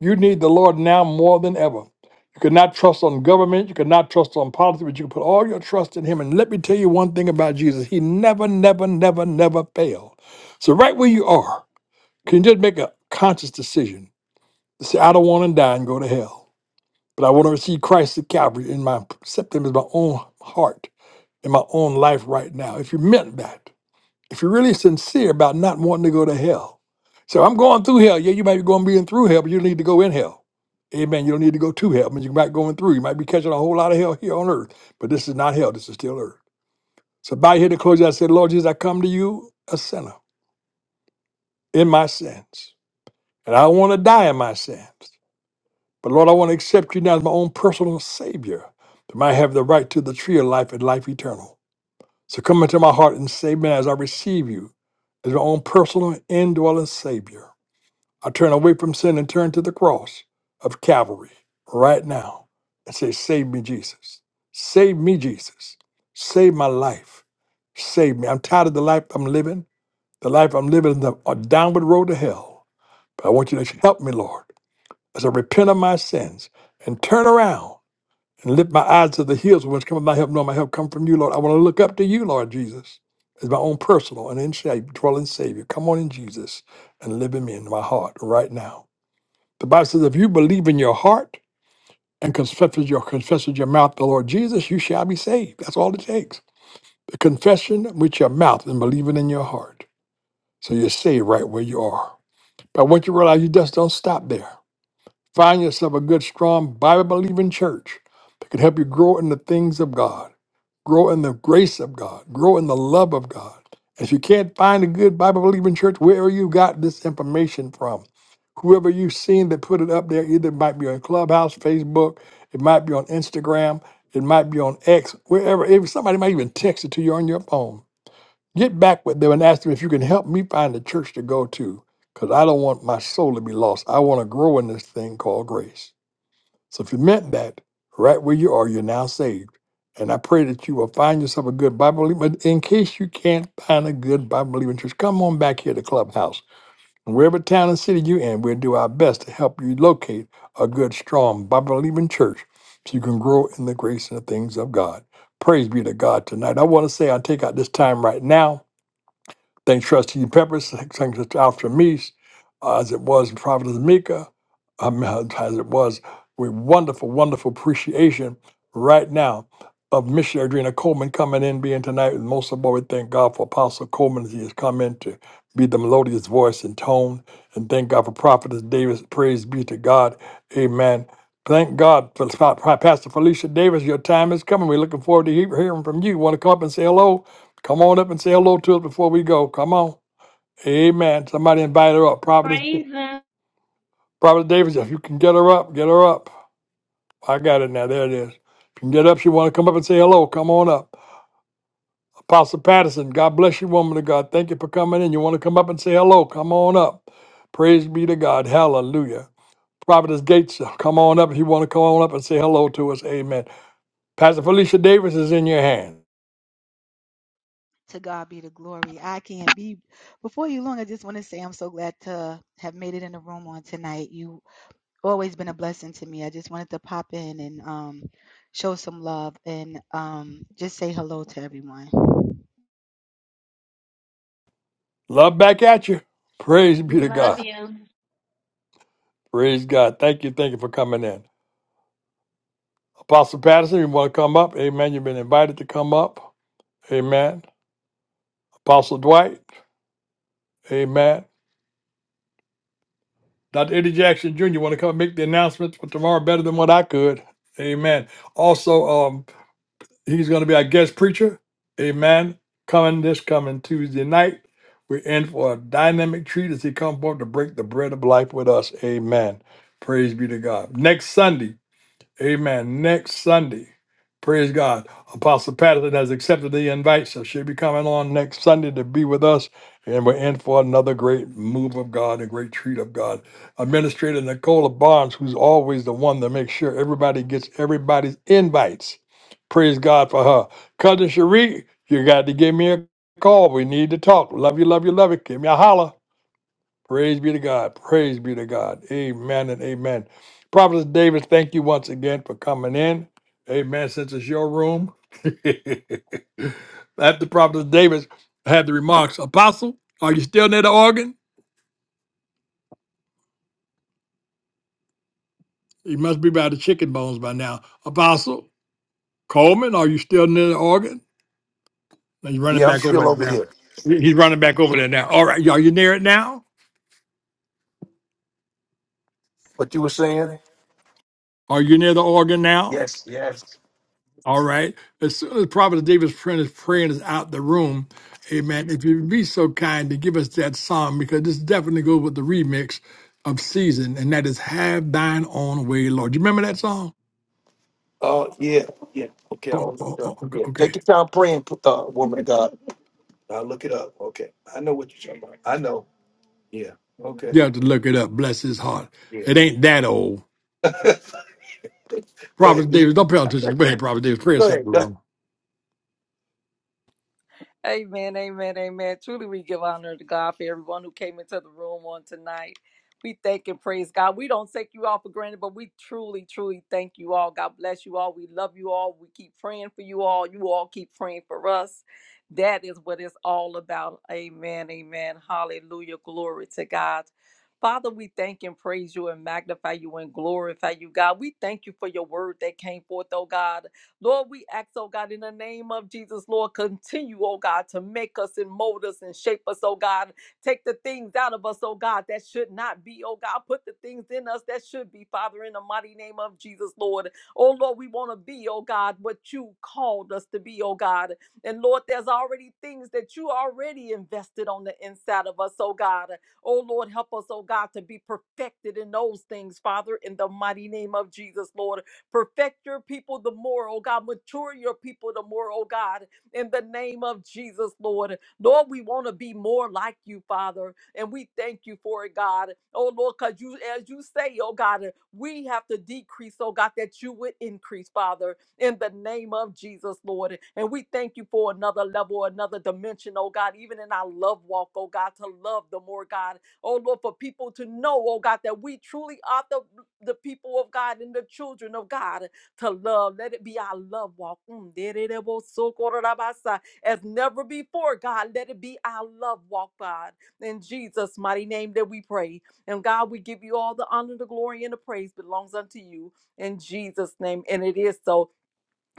A: You need the Lord now more than ever. You cannot trust on government, you cannot trust on politics, but you can put all your trust in him. And let me tell you one thing about Jesus. He never, never, never, never failed. So right where you are, can you just make a conscious decision to say, I don't want to die and go to hell. But I want to receive Christ at Calvary and my accept him as my own heart in my own life right now. If you meant that, if you're really sincere about not wanting to go to hell. So I'm going through hell. Yeah, you might be going being through hell, but you don't need to go in hell. Amen. You don't need to go to hell. I mean, you might going through. You might be catching a whole lot of hell here on earth. But this is not hell. This is still earth. So by here to close, I said, Lord Jesus, I come to you a sinner in my sins. And I want to die in my sins. But Lord, I want to accept you now as my own personal Savior. That I might have the right to the tree of life and life eternal. So come into my heart and save me as I receive you as my own personal indwelling Savior. I turn away from sin and turn to the cross of Calvary right now and say, Save me, Jesus. Save me, Jesus. Save my life. Save me. I'm tired of the life I'm living. The life I'm living is the- a downward road to hell. But I want you to help me, Lord as I repent of my sins and turn around and lift my eyes to the hills from which cometh my help, knowing my help come from you, Lord. I want to look up to you, Lord Jesus, as my own personal and in shape dwelling Savior. Come on in, Jesus, and live in me in my heart right now. The Bible says, if you believe in your heart and confess with your confess with your mouth the Lord Jesus, you shall be saved. That's all it takes. The confession with your mouth and believing in your heart. So you're saved right where you are. But once you realize you just don't stop there. Find yourself a good, strong, Bible believing church that can help you grow in the things of God, grow in the grace of God, grow in the love of God. If you can't find a good Bible believing church, wherever you got this information from, whoever you've seen that put it up there, either it might be on Clubhouse, Facebook, it might be on Instagram, it might be on X, wherever. If somebody might even text it to you on your phone. Get back with them and ask them if you can help me find a church to go to, because I don't want my soul to be lost. I want to grow in this thing called grace. So if you meant that, right where you are, you're now saved. And I pray that you will find yourself a good Bible believer. But in case you can't find a good Bible believing church, come on back here to Clubhouse. And wherever town and city you're in, we'll do our best to help you locate a good, strong Bible believing church so you can grow in the grace and the things of God. Praise be to God tonight. I want to say I take out this time right now Thank Trustee Peppers. Thanks, Dr. Meese, uh, as it was Prophet Providence Mika, um, uh, as it was with wonderful, wonderful appreciation right now of Missionary Adrena Coleman coming in, being tonight. And most of all, we thank God for Apostle Coleman as he has come in to be the melodious voice and tone. And thank God for Prophetess Davis. Praise be to God. Amen. Thank God for Pa- Pa- Pastor Felicia Davis. Your time is coming. We're looking forward to he- hearing from you. Want to come up and say hello? Come on up and say hello to us before we go. Come on. Amen. Somebody invite her up. Prophetess,
F: Praise Him.
A: Prophetess Davis, if you can get her up, get her up. I got it now. There it is. If you can get up, she want to come up and say hello. Come on up. Apostle Patterson, God bless you, woman of God. Thank you for coming in. You want to come up and say hello? Come on up. Praise be to God. Hallelujah. Prophetess Gates, come on up if you want to come on up and say hello to us. Amen. Pastor Felicia Davis is in your hand.
H: To God be the glory. I can't be before you long. I just want to say I'm so glad to have made it in the room on tonight. You always been a blessing to me. I just wanted to pop in and um, show some love and um, just say hello to everyone.
A: Love back at you. Praise be
F: We
A: to
F: love
A: God.
F: you.
A: Praise God. Thank you. Thank you for coming in. Apostle Patterson, you want to come up? Amen. You've been invited to come up. Amen. Apostle Dwight. Amen. Dr. Eddie Jackson Jr., you want to come make the announcements for tomorrow better than what I could? Amen. Also, um, he's going to be our guest preacher. Amen. Coming this coming Tuesday night. We're in for a dynamic treat as he comes forth to break the bread of life with us. Amen. Praise be to God. Next Sunday. Amen. Next Sunday. Praise God. Apostle Patterson has accepted the invite, so she'll be coming on next Sunday to be with us. And we're in for another great move of God, a great treat of God. Administrator Nicola Barnes, who's always the one that makes sure everybody gets everybody's invites. Praise God for her. Cousin Cherie, you got to give me a call. We need to talk. Love you, love you, love you. Give me a holler. Praise be to God. Praise be to God. Amen and amen. Prophet David, thank you once again for coming in. Amen. Since it's your room, [LAUGHS] after Prophet Davis had the remarks, Apostle, are you still near the organ? You must be by the chicken bones by now. Apostle Coleman, are you still near the organ? No, He's running
D: Yeah, I'm
A: back over
D: still
A: there
D: over
A: now.
D: here.
A: He- He's running back over there now. All right, are you near it now?
D: What you were saying?
A: Are you near the organ now?
D: Yes, yes.
A: All right. As soon as Prophet David's friend is praying is out the room, amen. If you'd be so kind to give us that song, because this definitely goes with the remix of season, and that is Have Thine Own Way, Lord. You remember that song?
D: Oh, yeah, yeah.
A: Oh, oh, oh, okay. okay.
D: I'll look it up. Okay. I know what you, I know. Yeah,
A: You have to look it up. Bless his heart.
D: yeah.
A: It ain't that old. Prophet
D: Go
A: Davis,
D: ahead.
A: don't pay attention. Go ahead, Prophet Davis. Pray
D: Go
A: us out
D: ahead.
A: the room.
C: Amen, amen, amen. Truly, we give honor to God for everyone who came into the room on tonight. We thank and praise God. We don't take you all for granted, but we truly, truly thank you all. God bless you all. We love you all. We keep praying for you all. You all keep praying for us. That is what it's all about. Amen, amen. Hallelujah. Glory to God. Father, we thank and praise you and magnify you and glorify you, God. We thank you for your word that came forth, oh God. Lord, we ask, oh God, in the name of Jesus, Lord, continue, oh God, to make us and mold us and shape us, oh God. Take the things out of us, oh God, that should not be, oh God. Put the things in us that should be, Father, in the mighty name of Jesus, Lord. Oh Lord, we want to be, oh God, what you called us to be, oh God. And Lord, there's already things that you already invested on the inside of us, oh God. Oh Lord, help us, oh God, to be perfected in those things, Father, in the mighty name of Jesus, Lord. Perfect your people the more, oh God. Mature your people the more, oh God. In the name of Jesus, Lord. Lord, we want to be more like you, Father. And we thank you for it, God. Oh Lord, because you as you say, oh God, we have to decrease, oh God, that you would increase, Father, in the name of Jesus, Lord. And we thank you for another level, another dimension, oh God, even in our love walk, oh God, to love the more, God oh Lord, for people to know, oh God, that we truly are the, the people of God and the children of God to love. Let it be our love walk. Mm, dererebosokororabasa. As never before, God, let it be our love walk, God. In Jesus' mighty name that we pray. And God, we give you all the honor, the glory, and the praise belongs unto you in Jesus' name. And it is so.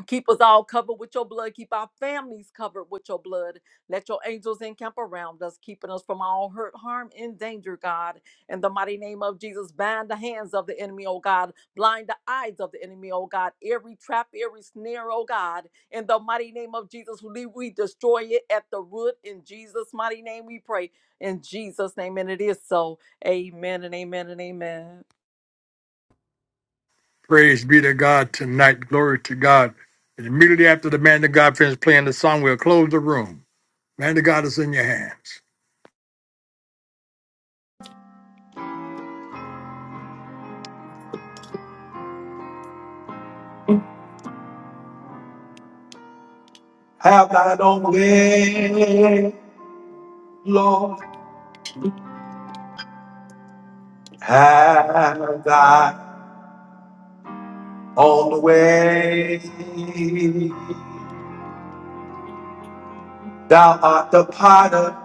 C: Keep us all covered with your blood. Keep our families covered with your blood. Let your angels encamp around us, keeping us from all hurt, harm, and danger, God. In the mighty name of Jesus, bind the hands of the enemy, oh God. Blind the eyes of the enemy, oh God. Every trap, every snare, oh God. In the mighty name of Jesus, we we destroy it at the root. In Jesus' mighty name, we pray. In Jesus' name, and it is so. Amen and amen and amen.
A: Praise be to God tonight. Glory to God. And immediately after the man of God finished playing the song, we'll close the room. Man of God is in your hands.
D: Have thine own way, Lord. Have thy own way. Thou art the potter,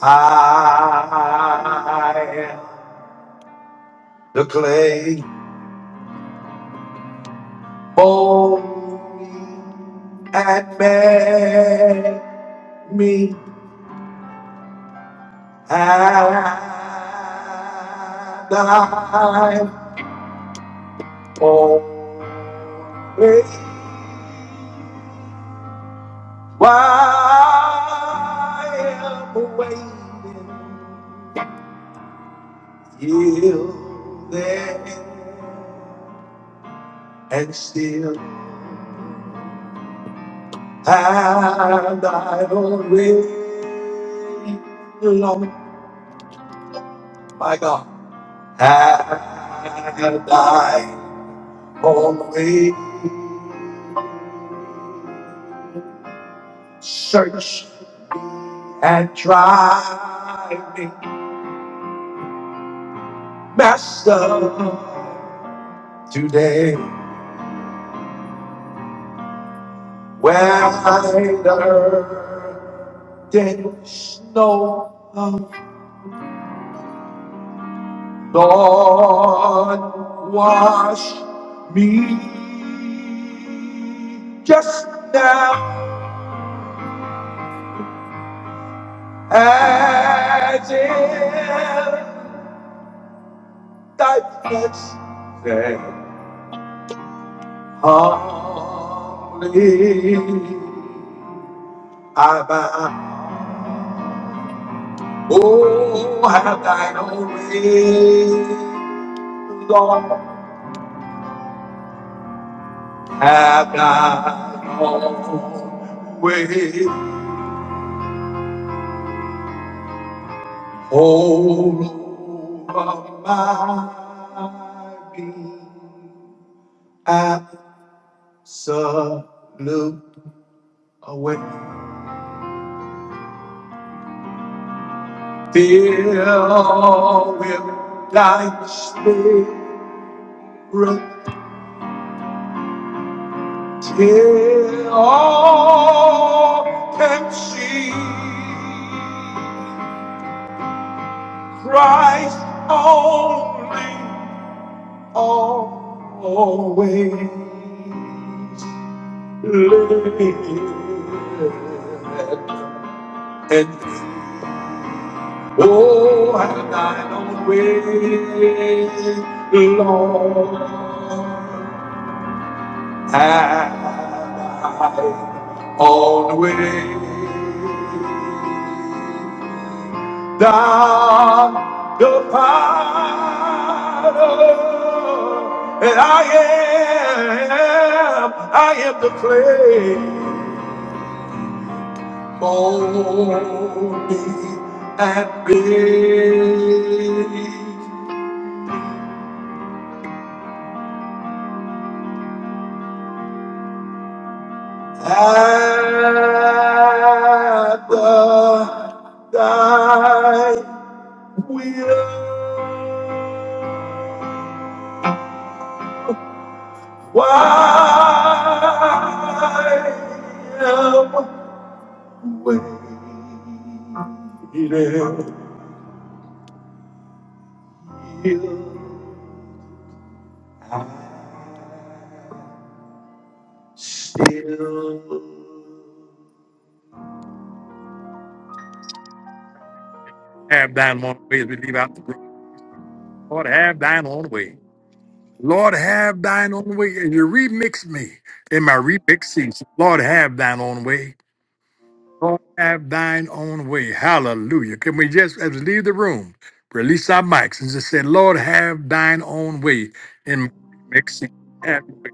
D: I am the clay. Mold me and make me have and have thy own way, Lord. My God, have thy own way. Search and try me, Master, today. Where I've been born just now, as if thy presence only I bow. Oh, have thine own way, Lord, have thine own way. All of my being absolute awareness, filled with thy spirit till all can see Christ only, always live. And oh, have thine own way, Lord. Have thine own way. Thou the power, and I am, I am the clay. Mold me and build. At the thy will, why am waiting? You are still
A: Have thine one way as we leave out the room. Lord, have thine own way. Lord, have thine own way, and you remix me in my remix season. Lord, have thine own way. Lord, have thine own way. Hallelujah. Can we just, as we leave the room, release our mics and just say, Lord, have thine own way in my remix season. Have, your way.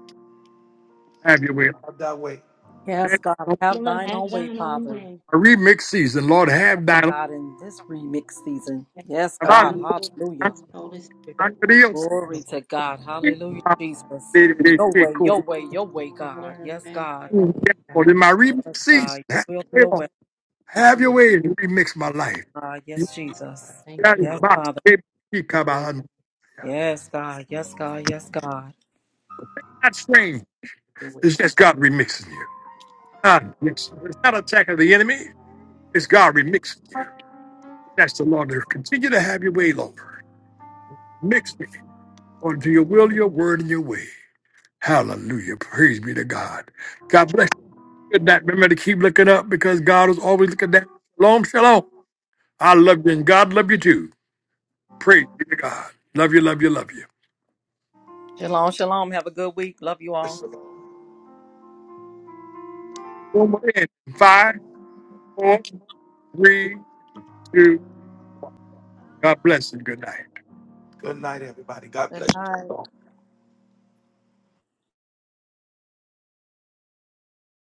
A: have your way.
D: that way.
C: Yes,
A: Have
C: God,
A: your way.
C: have
F: Lord,
C: thine own
F: have
C: way,
F: thine own
C: Father.
F: way.
A: My remix season, Lord, have thine own
C: God in this remix season. Yes,
A: Lord,
C: God. Hallelujah.
G: Holy Spirit.
A: in
G: Lord
C: Glory to God. Hallelujah,
G: God,
C: Jesus. Your way, your way, your
G: the
C: way,
G: potter
C: God.
G: and
C: Yes,
G: I am
C: God.
G: the clay, God, and
A: my
C: Yes,
A: remix season,
C: God.
G: faithful
C: Your
A: have
C: will,
A: your way,
C: your
A: Lord.
C: way.
A: Have
G: to
A: your
G: it,
A: way and remix my
C: Yes,
A: life.
C: God. Yes, Jesus.
G: God. Thank
A: Not
G: you,
C: Yes,
G: Lord.
C: Father.
G: Way, God,
C: Yes, God. Yes, God. Yes, God.
A: strange.
G: your way,
A: It's
G: God.
A: just God remixing you. God remixing. you. It's not attack of the enemy. It's God remixing you. That's the Lord. Continue to have your way, Lord. Mix me unto your will, your word, and your way. Hallelujah. Praise be to God. God bless you. Good night. Remember to keep looking up because God is always looking down. Shalom, shalom. I love you and God love you too. Praise be to God. Love you, love you, love you.
C: Shalom, shalom. Have a good week. Love you all.
A: One more in. Five, four, three, two. God bless and good night.
D: Good night, everybody. God
C: Good
D: bless you.
C: night.